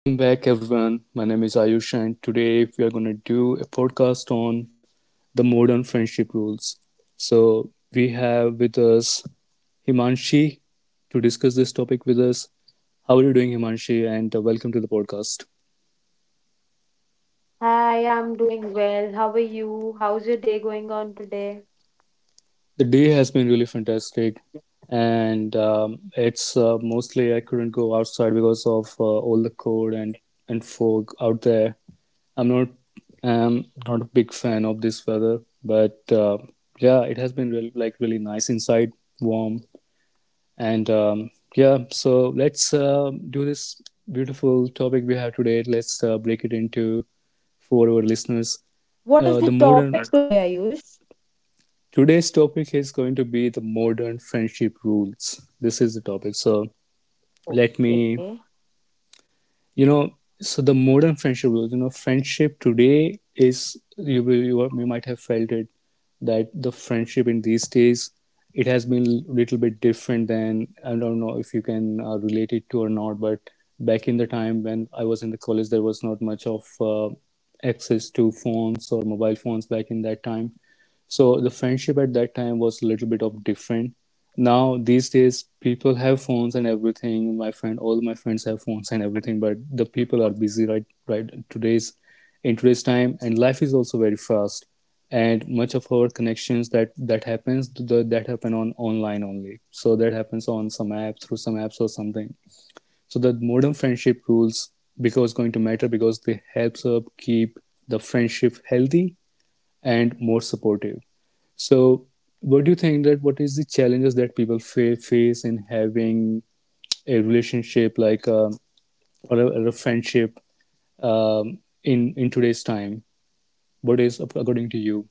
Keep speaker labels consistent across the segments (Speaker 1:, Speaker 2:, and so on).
Speaker 1: Welcome back, everyone. My name is Ayush, and today we are going to do a podcast on the modern friendship rules. So, we have with us Himanshi to discuss this topic with us. How are you doing, Himanshi? And welcome to the podcast.
Speaker 2: Hi, I'm doing well. How are you? How's your day going on today?
Speaker 1: The day has been really fantastic, and it's mostly I couldn't go outside because of all the cold and fog out there. I'm not not a big fan of this weather, but yeah, it has been really, like really nice inside, warm, and yeah. So let's do this beautiful topic we have today. Let's break it into for our listeners
Speaker 2: What is the
Speaker 1: the modern
Speaker 2: topic today, Ayush?
Speaker 1: Today's topic is going to be the modern friendship rules. This is the topic. So let me,
Speaker 2: Okay.
Speaker 1: so the modern friendship rules. You know, friendship today is you will- you, are- you might have felt it that the friendship in these days, it has been a little bit different than, I don't know if you can relate it to or not, but back in the time when I was in the college, there was not much of access to phones or mobile phones back in that time, so the friendship at that time was a little bit of different. Now these days people have phones and everything. My friend, all my friends have phones and everything, but the people are busy right today's in today's time, and life is also very fast. And much of our connections that happen on online only. So that happens on some app through some apps or something. So the modern friendship rules because going to matter because they helps up keep the friendship healthy and more supportive. So, what do you think that what is the challenges that people face in having a relationship, like or a friendship in today's time? What is according to you?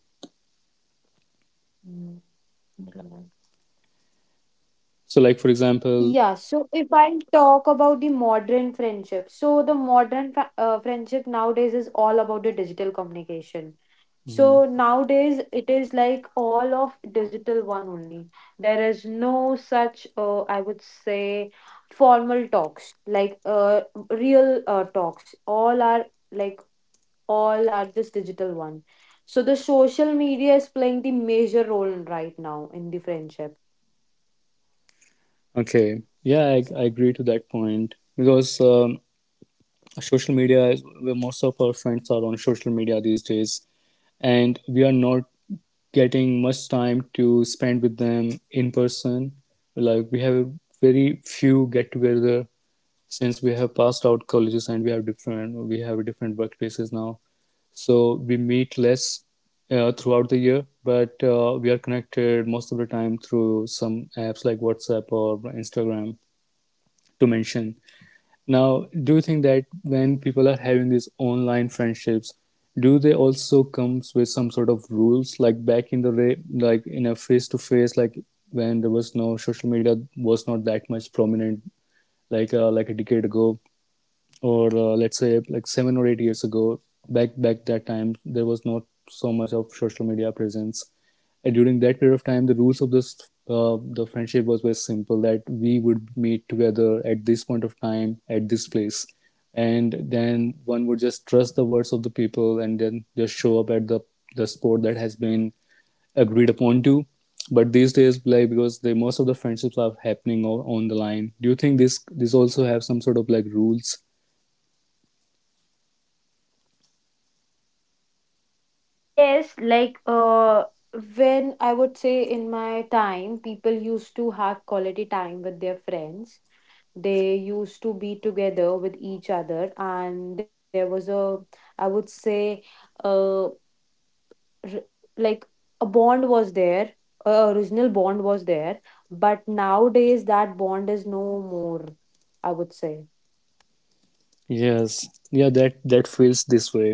Speaker 2: Hmm.
Speaker 1: So, like, for example.
Speaker 2: Yeah, so if I talk about the modern friendship, so the modern friendship nowadays is all about the digital communication.
Speaker 1: Mhm.
Speaker 2: So nowadays it is like all of digital one only. There is no such, I would say, formal talks like real talks. All are like all are just digital one. So the social media is playing the major role right now in the friendship.
Speaker 1: Okay, yeah, I agree to that point, because social media is where most of our friends are on social media these days, and we are not getting much time to spend with them in person. Like we have very few get together since we have passed out colleges, and we have different workplaces now, so we meet less throughout the year, but we are connected most of the time through some apps like WhatsApp or Instagram, to mention. Now, do you think that when people are having these online friendships, do they also comes with some sort of rules like back in the day, like in a face to face, like when there was no social media, was not that much prominent, like a decade ago, or let's say like 7 or 8 years ago? Back that time there was not so much of social media presence, and during that period of time the rules of this the friendship was very simple, that we would meet together at this point of time at this place, and then one would just trust the words of the people and then just show up at the spot that has been agreed upon to. But these days, like, because the most of the friendships are happening on, the line, do you think this also have some sort of like rules?
Speaker 2: Yes, like when I would say in my time, people used to have quality time with their friends. They used to be together with each other, and there was a, I would say, uh, like a bond was there, a original bond was there, but nowadays that bond is no more, I would say.
Speaker 1: Yes, yeah, that feels this way.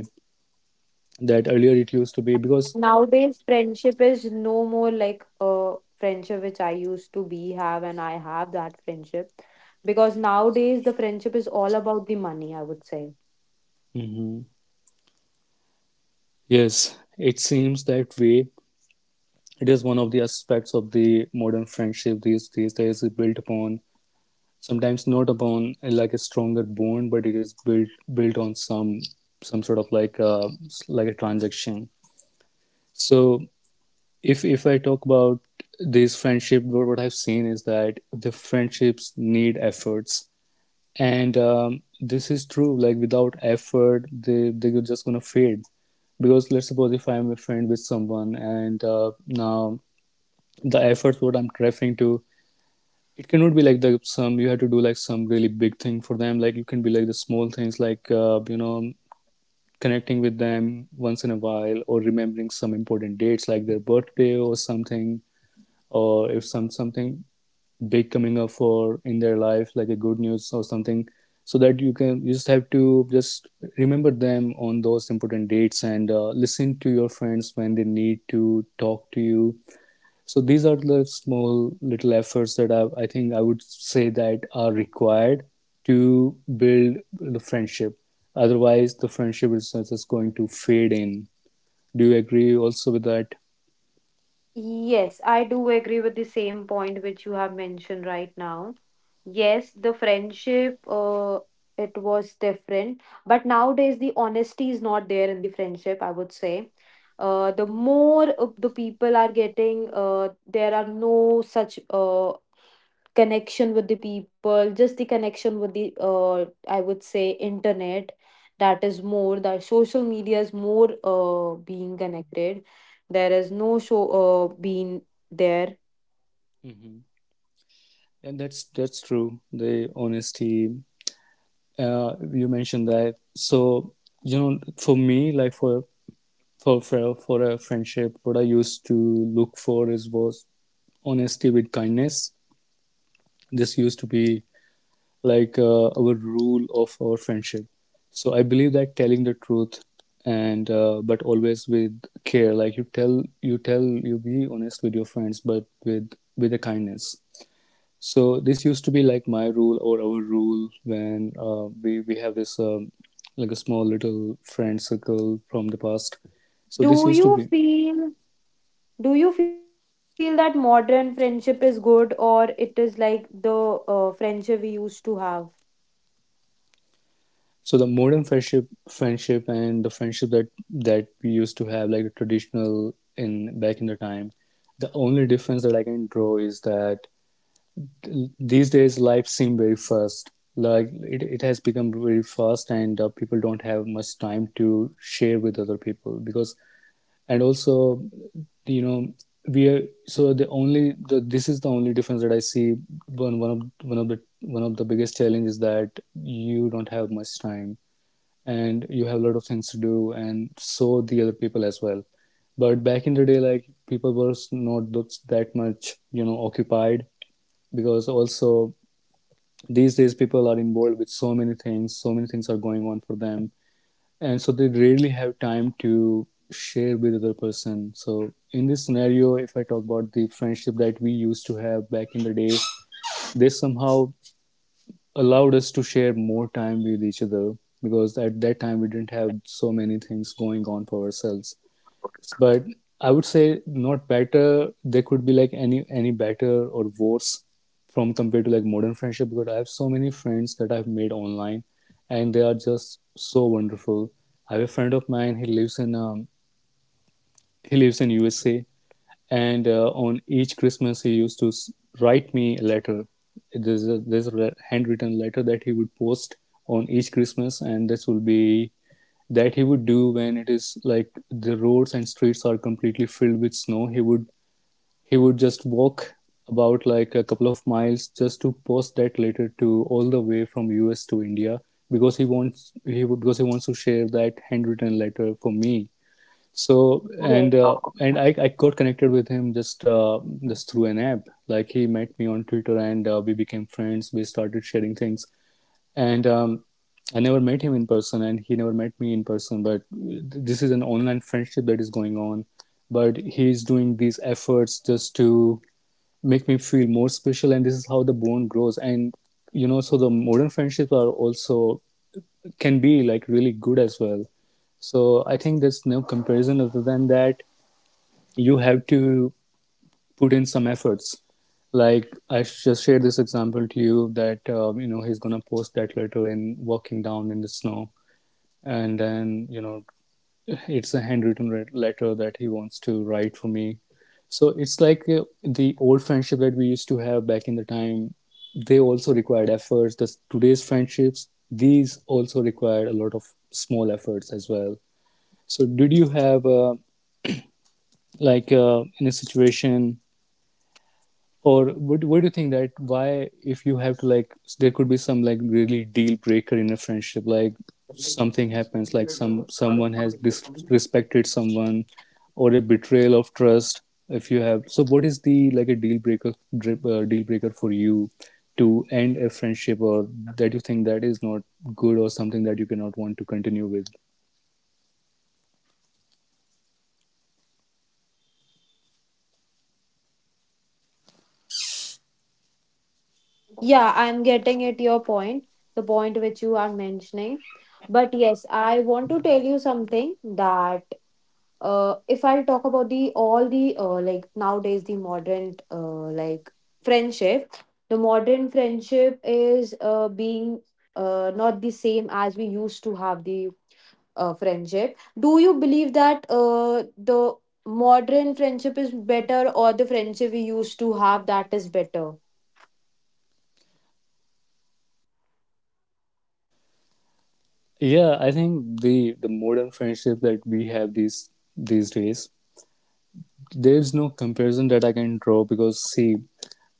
Speaker 1: That earlier it used to be
Speaker 2: And
Speaker 1: because.
Speaker 2: nowadays friendship is no more like a friendship which I used to be have, and I have that friendship because nowadays the friendship is all about the money, I would say.
Speaker 1: Mhm. Yes, it seems that way. It is one of the aspects of the modern friendship, these days is built upon sometimes, not upon like a stronger bond, but it is built on some sort of like a transaction. So if I talk about these friendship, what I've seen is that the friendships need efforts, and this is true, like without effort they're just gonna fade. Because let's suppose if I'm a friend with someone and now, the efforts what I'm referring to, it cannot be like the some you have to do, like some really big thing for them. Like you can be like the small things, like connecting with them once in a while, or remembering some important dates like their birthday or something, or if some something big coming up for in their life like a good news or something, so that you can, you just have to just remember them on those important dates, and listen to your friends when they need to talk to you. So these are the small little efforts that I think I would say that are required to build the friendship, otherwise the friendship is just going to fade in. Do you agree also with that?
Speaker 2: Yes, I do agree with the same point which you have mentioned right now. Yes, the friendship, it was different, but nowadays the honesty is not there in the friendship, I would say. The more of the people are getting, there are no such connection with the people, just the connection with the, I would say, internet. That is more. The social media is more being connected. There is no show being there.
Speaker 1: Mm-hmm. And that's true, the honesty, you mentioned that. So, for me, like for a friendship, what I used to look for is was honesty with kindness. This used to be like our rule of our friendship. So I believe that telling the truth, and but always with care. Like you be honest with your friends, but with a kindness. So this used to be like my rule or our rule when we have this like a small little friend circle from the past. So this
Speaker 2: Do
Speaker 1: used to
Speaker 2: you
Speaker 1: be.
Speaker 2: feel, do you feel that modern friendship is good or it is like the friendship we used to have?
Speaker 1: So the modern friendship, and the friendship that we used to have, like a traditional in back in the time. The only difference that I can draw is that these days life seem very fast. Like it has become very fast, and people don't have much time to share with other people, because and also you know we are so the only the this is the only difference that I see. One of the biggest challenges is that you don't have much time, and you have a lot of things to do, and so the other people as well. But back in the day, like, people were not that much you know occupied, because also these days people are involved with so many things are going on for them, and so they rarely have time to share with other person. So in this scenario, if I talk about the friendship that we used to have back in the day, they somehow allowed us to share more time with each other, because at that time we didn't have so many things going on for ourselves. But I would say not better. They could be like any better or worse from compared to like modern friendship, because I have so many friends that I've made online, and they are just so wonderful. I have a friend of mine. He lives in USA, and on each Christmas he used to write me a letter. There's a handwritten letter that he would post on each Christmas, and this will be that he would do when it is like the roads and streets are completely filled with snow. He would just walk about like a couple of miles just to post that letter to all the way from US to India, because he wants to share that handwritten letter for me. So,
Speaker 2: Yes.
Speaker 1: and I got connected with him just through an app. Like he met me on Twitter, and we became friends, we started sharing things. And I never met him in person, and he never met me in person. But this is an online friendship that is going on. But he's doing these efforts just to make me feel more special, and this is how the bond grows. And so the modern friendships are also can be like really good as well. So I think there's no comparison other than that. You have to put in some efforts. Like I just shared this example to you, that he's gonna post that letter in walking down in the snow, and then it's a handwritten letter that he wants to write for me. So it's like the old friendship that we used to have back in the time, they also required efforts, the today's friendships these also required a lot of small efforts as well. So did you have like in a situation? Or what do you think that why, if you have to like, there could be some like really deal breaker in a friendship, like something happens, like someone has disrespected someone, or a betrayal of trust. If you have, so what is the like a deal breaker, deal breaker for you to end a friendship, or that you think that is not good, or something that you cannot want to continue with?
Speaker 2: Yeah, I'm getting at your point, the point which you are mentioning, but yes, I want to tell you something, that if I'll talk about the all the, like nowadays, the modern, like friendship, the modern friendship is being not the same as we used to have the friendship. Do you believe that the modern friendship is better or the friendship we used to have that is better?
Speaker 1: Yeah, I think the modern friendship that we have these days. There's no comparison that I can draw because, see,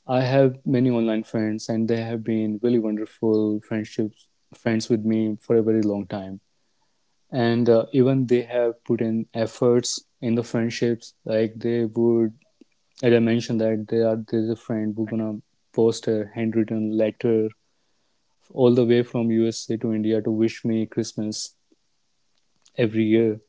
Speaker 1: I have many online friends and they have been really wonderful friendships, friends with me for a very long time. And even they have put in efforts in the friendships. Like they would, as I mentioned, that they are there's a friend who's gonna post a handwritten letter all the way from USA to India to wish me Christmas every year.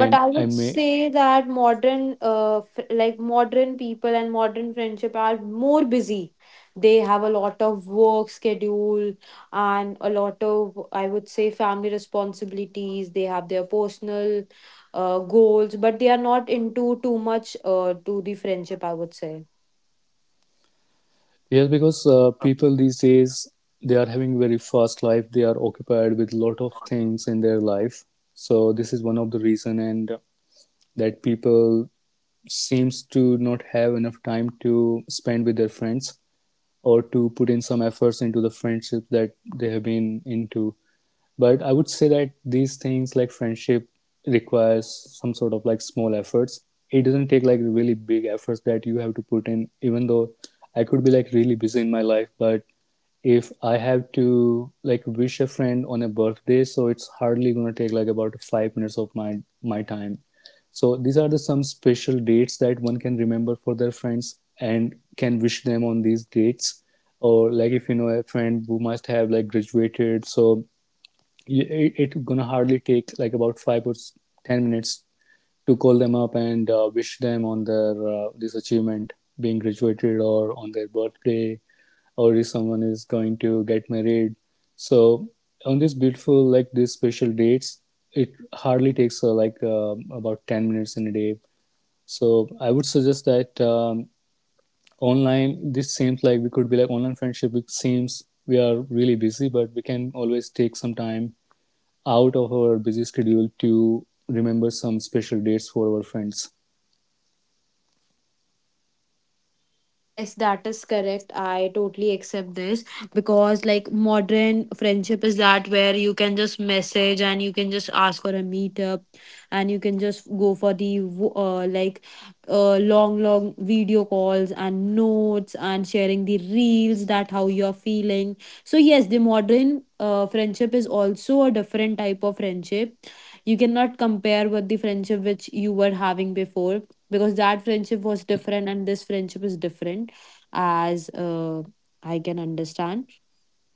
Speaker 2: But I
Speaker 1: I
Speaker 2: would
Speaker 1: may.
Speaker 2: say that modern, like modern people and modern friendship are more busy. They have a lot of work schedule, and a lot of, I would say, family responsibilities. They have their personal goals, but they are not into too much to the friendship, I would say.
Speaker 1: Yes, because people these days, they are having very fast life. They are occupied with lot of things in their life. So this is one of the reason, and that people seems to not have enough time to spend with their friends or to put in some efforts into the friendship that they have been into. But I would say that these things like friendship requires some sort of like small efforts. It doesn't take like really big efforts that you have to put in. Even though I could be like really busy in my life, but if I have to like wish a friend on a birthday, so it's hardly going to take like about 5 minutes of my time. So these are the some special dates that one can remember for their friends and can wish them on these dates. Or like if you know a friend who must have like graduated, so y- it, gonna hardly take like about 10 minutes to call them up and wish them on their this achievement, being graduated, or on their birthday, or if someone is going to get married. So on this beautiful like these special dates, it hardly takes about 10 minutes in a day. So I would suggest that online, this seems like we could be like online friendship. It seems we are really busy, but we can always take some time out of our busy schedule to remember some special dates for our friends.
Speaker 2: Yes, that is correct. I totally accept this because, like, modern friendship is that where you can just message and you can just ask for a meetup, and you can just go for the like long, long video calls and notes and sharing the reels that how you're feeling. So, yes, the modern friendship is also a different type of friendship. You cannot compare with the friendship which you were having before, because that friendship was different and this friendship is different, as I can understand.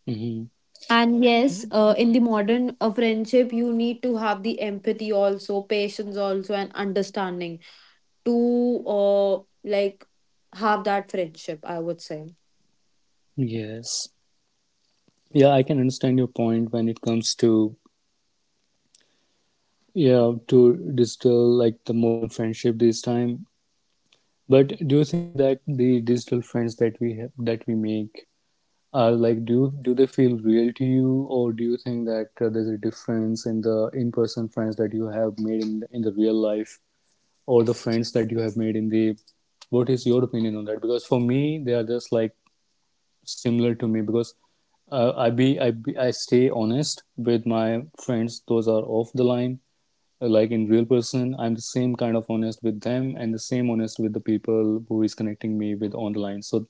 Speaker 1: Hmm.
Speaker 2: And yes, in the modern friendship you need to have the empathy also, patience also, and understanding to uh, like have that friendship, I would say.
Speaker 1: Yes. Yeah, I can understand your point when it comes to yeah to digital like the modern friendship this time. But do you think that the digital friends that we have that we make are like, do do they feel real to you, or do you think that there's a difference in the in-person friends that you have made in the real life, all the friends that you have made in the, what is your opinion on that? Because for me they are just like similar to me, because I stay honest with my friends those are off the line. Like in real person, I'm the same kind of honest with them, and the same honest with the people who is connecting me with on the line. So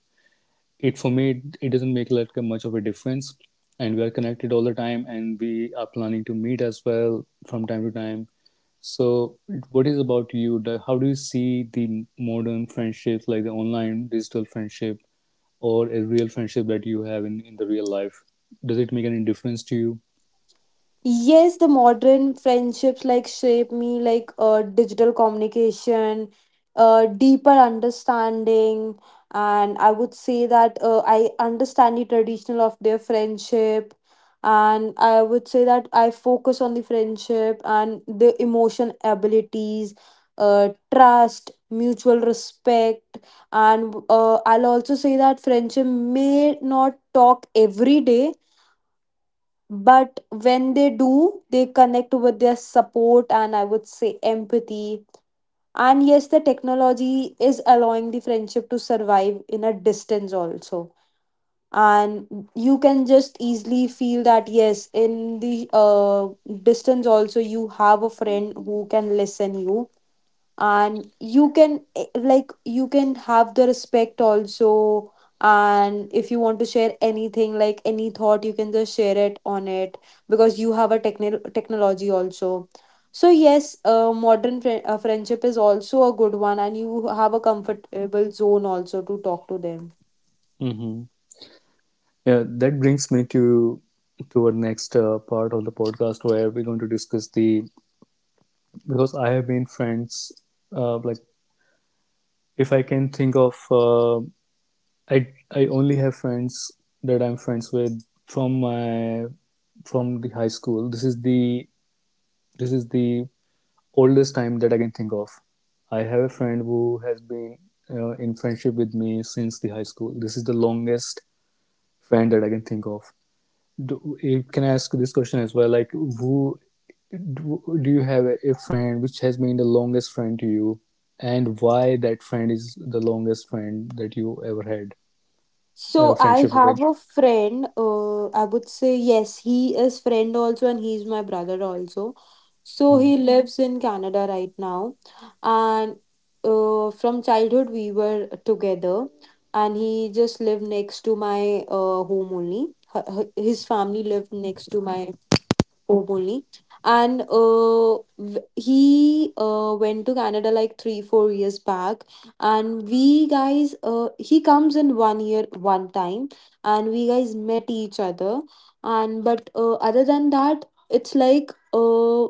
Speaker 1: it, for me it doesn't make like much of a difference. And we are connected all the time, and we are planning to meet as well from time to time. So, what is about you? Like, how do you see the modern friendships, like the online digital friendship or a real friendship that you have in the real life? Does it make any difference to you?
Speaker 2: Yes, the modern friendships like shape me, like digital communication, deeper understanding, and I would say that I understand the traditional of their friendship, and I would say that I focus on the friendship and the emotion abilities, trust, mutual respect, and I'll also say that friendship may not talk every day, but when they do, they connect with their support and, I would say, empathy. And yes, the technology is allowing the friendship to survive in a distance also. And you can just easily feel that yes, in the distance also you have a friend who can listen you, and you can, like, you can have the respect also, and if you want to share anything, like any thought, you can just share it on it because you have a technology also. So yes, modern friendship is also a good one, and you have a comfortable zone also to talk to them.
Speaker 1: Hmm. Yeah, that brings me to our next part of the podcast where we're going to discuss the, because I have been friends, uh, like if I can think of, I only have friends that I'm friends with from my, from the high school. This is the, this is the oldest time that I can think of. I have a friend who has been in friendship with me since the high school. This is the longest friend that I can think of. Do, can I ask this question as well? Like, do, you have a friend which has been the longest friend to you, and why that friend is the longest friend that you ever had
Speaker 2: So
Speaker 1: a
Speaker 2: I
Speaker 1: friendship with?
Speaker 2: have a friend. I would say yes, he is friend also, and he's my brother also. So he, Mhm, lives in Canada right now, and from childhood we were together, and he, hope only. And he went to Canada like three, 4 years back. And we guys, he comes in 1 year, one time, and we guys met each other. And but other than that, it's like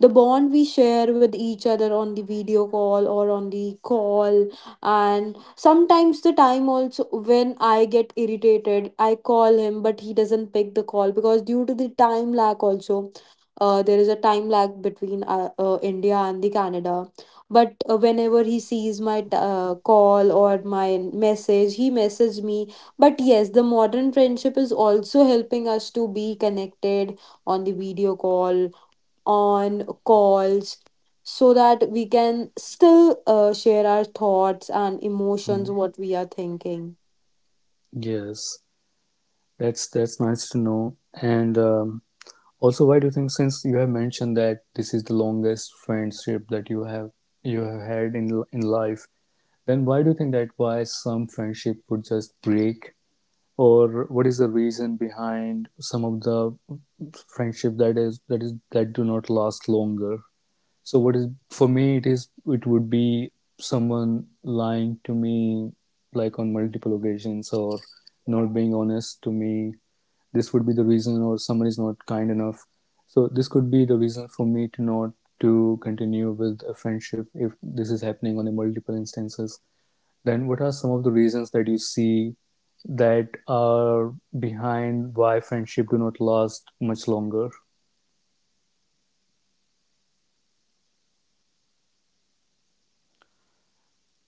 Speaker 2: the bond we share with each other on the video call or on the call, and sometimes the time also when I get irritated, I call him, but he doesn't pick the call because due to the time lag also, there is a time lag between India and the Canada. But whenever he sees my call or my message, he message me. But yes, the modern friendship is also helping us to be connected on the video call, on calls, so that we can still share our thoughts and
Speaker 1: Mhm.
Speaker 2: emotions, what we are thinking.
Speaker 1: Yes, that's nice to know. And also, why do you think, since you have mentioned that this is the longest friendship that you have had in life, then why do you think that why some friendship would just break? Or what is the reason behind some of the friendship that do not last longer? So what is, for me it is, it would be someone lying to me, like on multiple occasions, or not being honest to me. This would be the reason, or someone is not kind enough. So this could be the reason for me to not, to continue with a friendship, if this is happening on a multiple instances. Then what are some of the reasons that you see that are behind why friendship do not last much longer?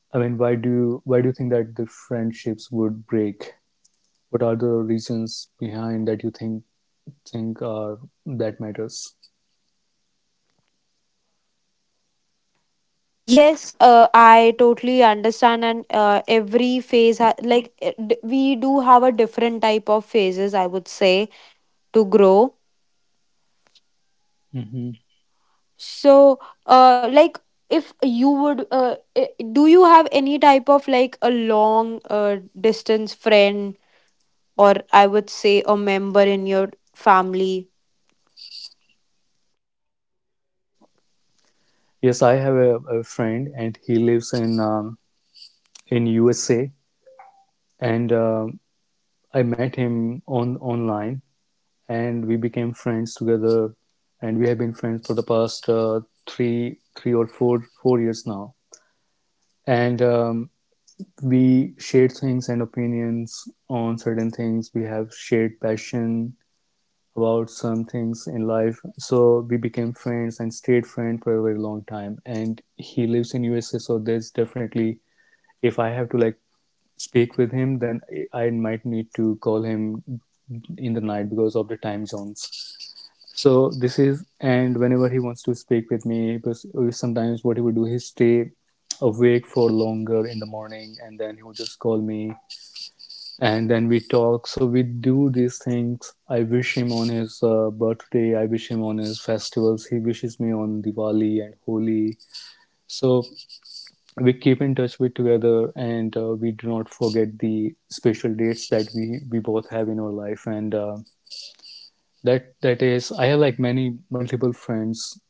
Speaker 1: I mean, why do you think that the friendships would break? What are the reasons behind that you think are, that matters?
Speaker 2: Yes, I totally understand, and every phase, like we do have a different type of phases, I would say, to grow.
Speaker 1: Hmm.
Speaker 2: So, like if you would, do you have any type of like a long distance friend, or I would say a member in your family?
Speaker 1: Yes, I have a friend, and he lives in USA, and I met him on online, and we became friends together, and we have been friends for the past three or four years now, and we shared things and opinions on certain things. We have shared passion about some things in life, so we became friends and stayed friends for a very long time. And he lives in USA, so there's definitely, if I have to like speak with him, then I might need to call him in the night because of the time zones. So this is, and whenever he wants to speak with me, because sometimes what he would do, he stay awake for longer in the morning, and then he would just call me, and then we talk. So we do these things. I wish him on his birthday. I wish him on his festivals. He wishes me on Diwali and Holi. So we keep in touch with together, and we do not forget the special dates that we both have in our life. And that that is I have like many multiple friends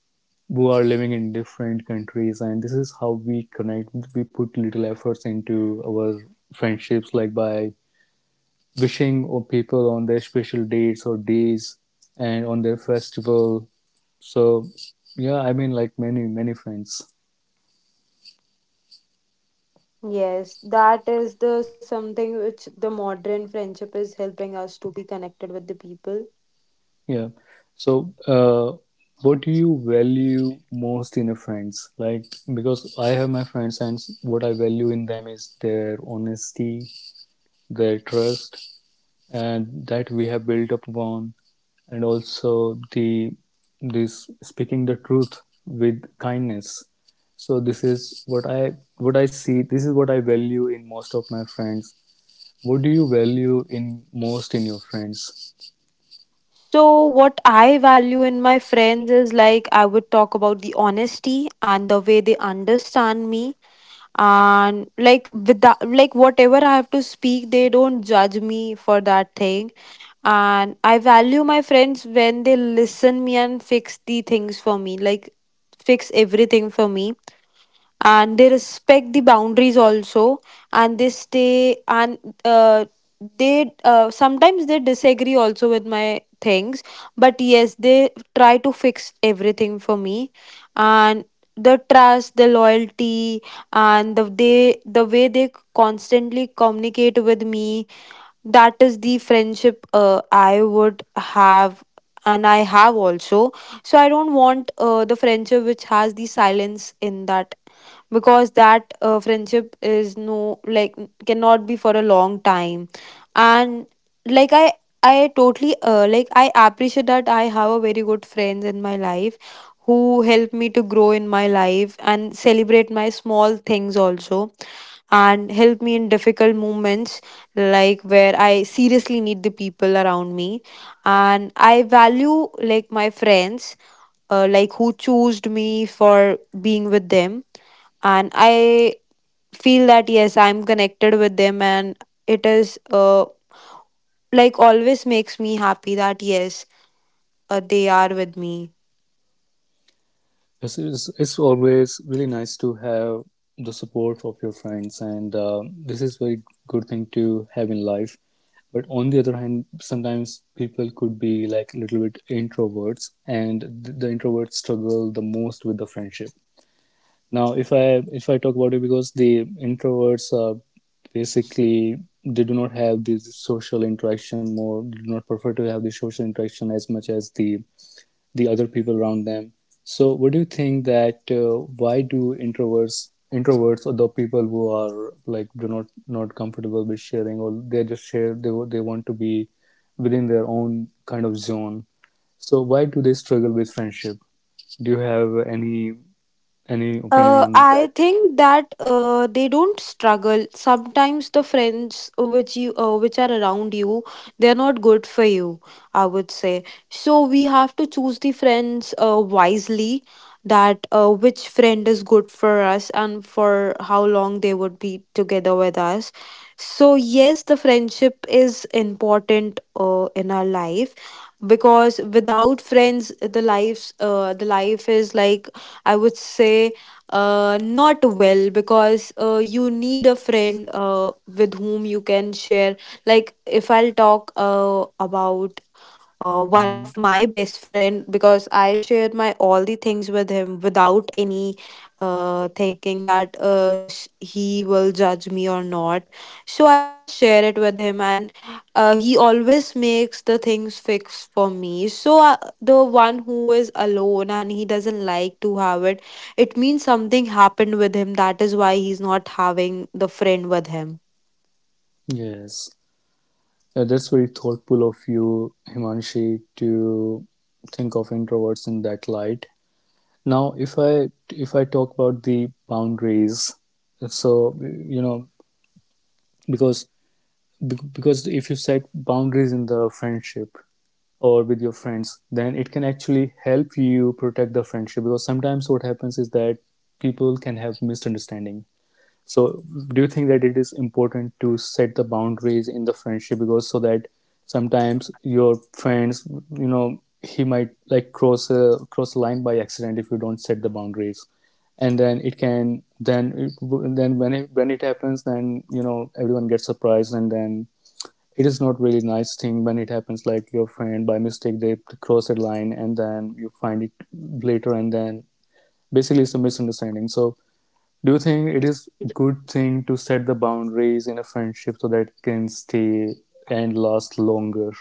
Speaker 1: who are living in different countries, and this is how we connect. We put little efforts into our friendships, like by wishing or people on their special dates or days and on their festival. So yeah, I mean like many friends.
Speaker 2: Yes, that is the something which the modern friendship is helping us to be connected with the people.
Speaker 1: Yeah. So, what do you value most in a friends? Like, because I have my friends, and what I value in them is their honesty, their trust, and that we have built up upon, and also the, this speaking the truth with kindness. So this is what I, what I see. This is what I value in most of my friends. What do you value in most in your friends?
Speaker 2: So, what I value in my friends is like I would talk about the honesty and the way they understand me, and like with that, like whatever I have to speak, they don't judge me for that thing. And I value my friends when they listen me and fix the things for me, like fix everything for me, and they respect the boundaries also, and they stay, and uh, they, sometimes they disagree also with my things, but yes, they try to fix everything for me, and the trust, the loyalty, and the, they, the way they constantly communicate with me, that is the friendship I would have, and I have also. So I don't want the friendship which has the silence in that, because that friendship is no like, cannot be for a long time. And like I, I totally, like I appreciate that I have a very good friends in my life, who help me to grow in my life and celebrate my small things also, and help me in difficult moments, like where I seriously need the people around me. And I value like my friends, like who chose me for being with them, and I feel that yes, I'm connected with them, and it is, like, always makes me happy that yes, they are with me.
Speaker 1: Yes, it's always really nice to have the support of your friends, and this is very good thing to have in life. But on the other hand, sometimes people could be like a little bit introverts, and the introverts struggle the most with the friendship. Now, if I talk about it, because the introverts are basically, they do not have this social interaction more, they do not prefer to have the social interaction as much as the other people around them. So, what do you think that why do introverts introverts, or the people who are like, do not comfortable with sharing, or they just share, they want to be within their own kind of zone. So, why do they struggle with friendship? Do you have any opinion on
Speaker 2: I
Speaker 1: that?
Speaker 2: think that they don't struggle. Sometimes the friends which you, which are around you, they're not good for you, I would say. So we have to choose the friends wisely. That which friend is good for us and for how long they would be together with us. So yes, the friendship is important in our life, because without friends, the lives the life is like, I would say, not well, because you need a friend with whom you can share. Like, if I'll talk about one
Speaker 1: Mm.
Speaker 2: of my best friend, because I shared my all the things with him without any thinking that he will judge me or not. So I'll just share it with him, and he always makes the things fix for me. So the one who is alone and he doesn't like to have it, it means something happened with him. That is why he's not having the friend with him.
Speaker 1: Yes. That's very thoughtful of you, Himanshi, to think of introverts in that light. Now, if I talk about the boundaries, so you know, because because if you set boundaries in the friendship or with your friends, then it can actually help you protect the friendship, because sometimes what happens is that people can have misunderstanding. So, do you think that it is important to set the boundaries in the friendship? Because so that sometimes your friends, you know, he might like cross a line by accident if you don't set the boundaries, and then it can, then when it, when it happens, then you know everyone gets surprised, and then it is not really nice thing when it happens like your friend by mistake they cross a line, and then you find it later, and then basically it's a misunderstanding. So do you think it is good thing to set the boundaries in a friendship, so that it can stay and last longer?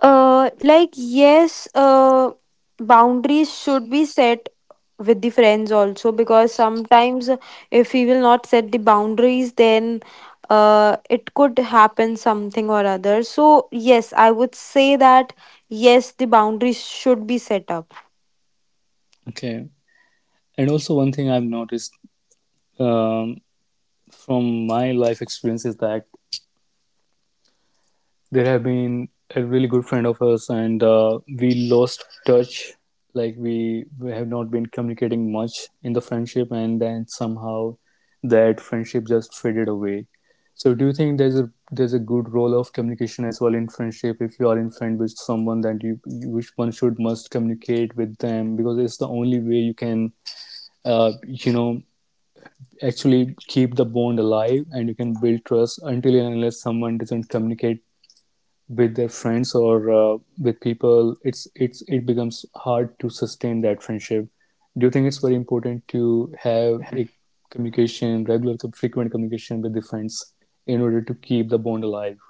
Speaker 2: Like yes, boundaries should be set with the friends also, because sometimes if we will not set the boundaries, then it could happen something or other. So yes, I would say that yes, the boundaries should be set up.
Speaker 1: Okay. And also one thing I've noticed, um, from my life experience is that, they have been a really good friend of us, and we lost touch. Like we have not been communicating much in the friendship, and then somehow that friendship just faded away. So, do you think there's a, there's a good role of communication as well in friendship? If you are in friend with someone, that which one should must communicate with them, because it's the only way you can you know actually keep the bond alive, and you can build trust. Until and unless someone doesn't communicate with their friends, or with people, it's, it becomes hard to sustain that friendship. Do you think it's very important to have a communication, regular frequent communication with the friends in order to keep the bond alive?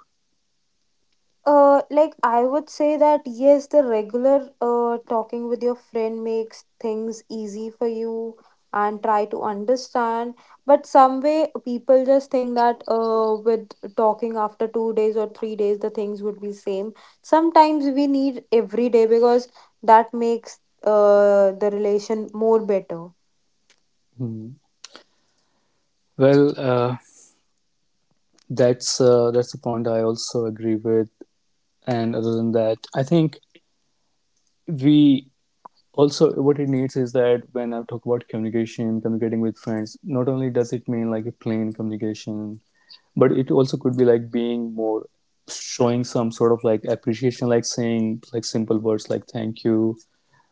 Speaker 2: Like I would say that yes, the regular talking with your friend makes things easy for you and try to understand. But some way people just think that with talking after 2 days or 3 days the things would be same. Sometimes we need every day, because that makes the relation more better.
Speaker 1: Hmm. Well, uh, that's, that's the point I also agree with. And other than that, I think we, also what it needs is that when I talk about communication, communicating with friends, not only does it mean like a plain communication, but it also could be like being more, showing some sort of like appreciation, like saying like simple words like thank you,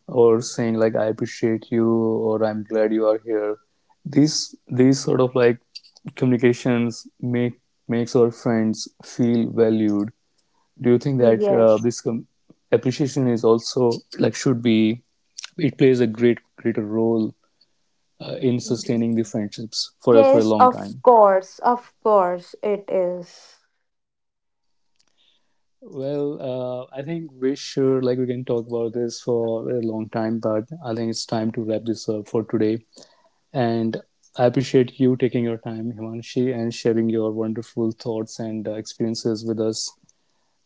Speaker 1: or saying like I appreciate you or I'm glad you are here. These sort of like communications make, makes our friends feel valued. Do you think that uh,
Speaker 2: Yes.
Speaker 1: this com- appreciation is also like should be, it plays a greater role in sustaining the friendships for a
Speaker 2: Yes,
Speaker 1: long time?
Speaker 2: of course it is.
Speaker 1: Well, I think we sure, like we can talk about this for a long time, but I think it's time to wrap this up for today. And I appreciate you taking your time, Himanshi, and sharing your wonderful thoughts and experiences with us.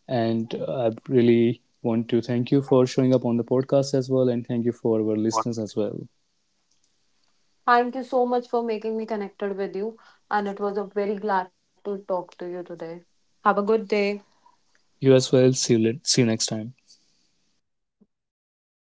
Speaker 1: And I really want to thank you for showing up on the podcast as well, and thank you for our listeners as well.
Speaker 2: Thank you so much for making me connected with you, and it was a very glad to talk to you today. Have a good day.
Speaker 1: You as well. See you, see you next time.
Speaker 2: Same.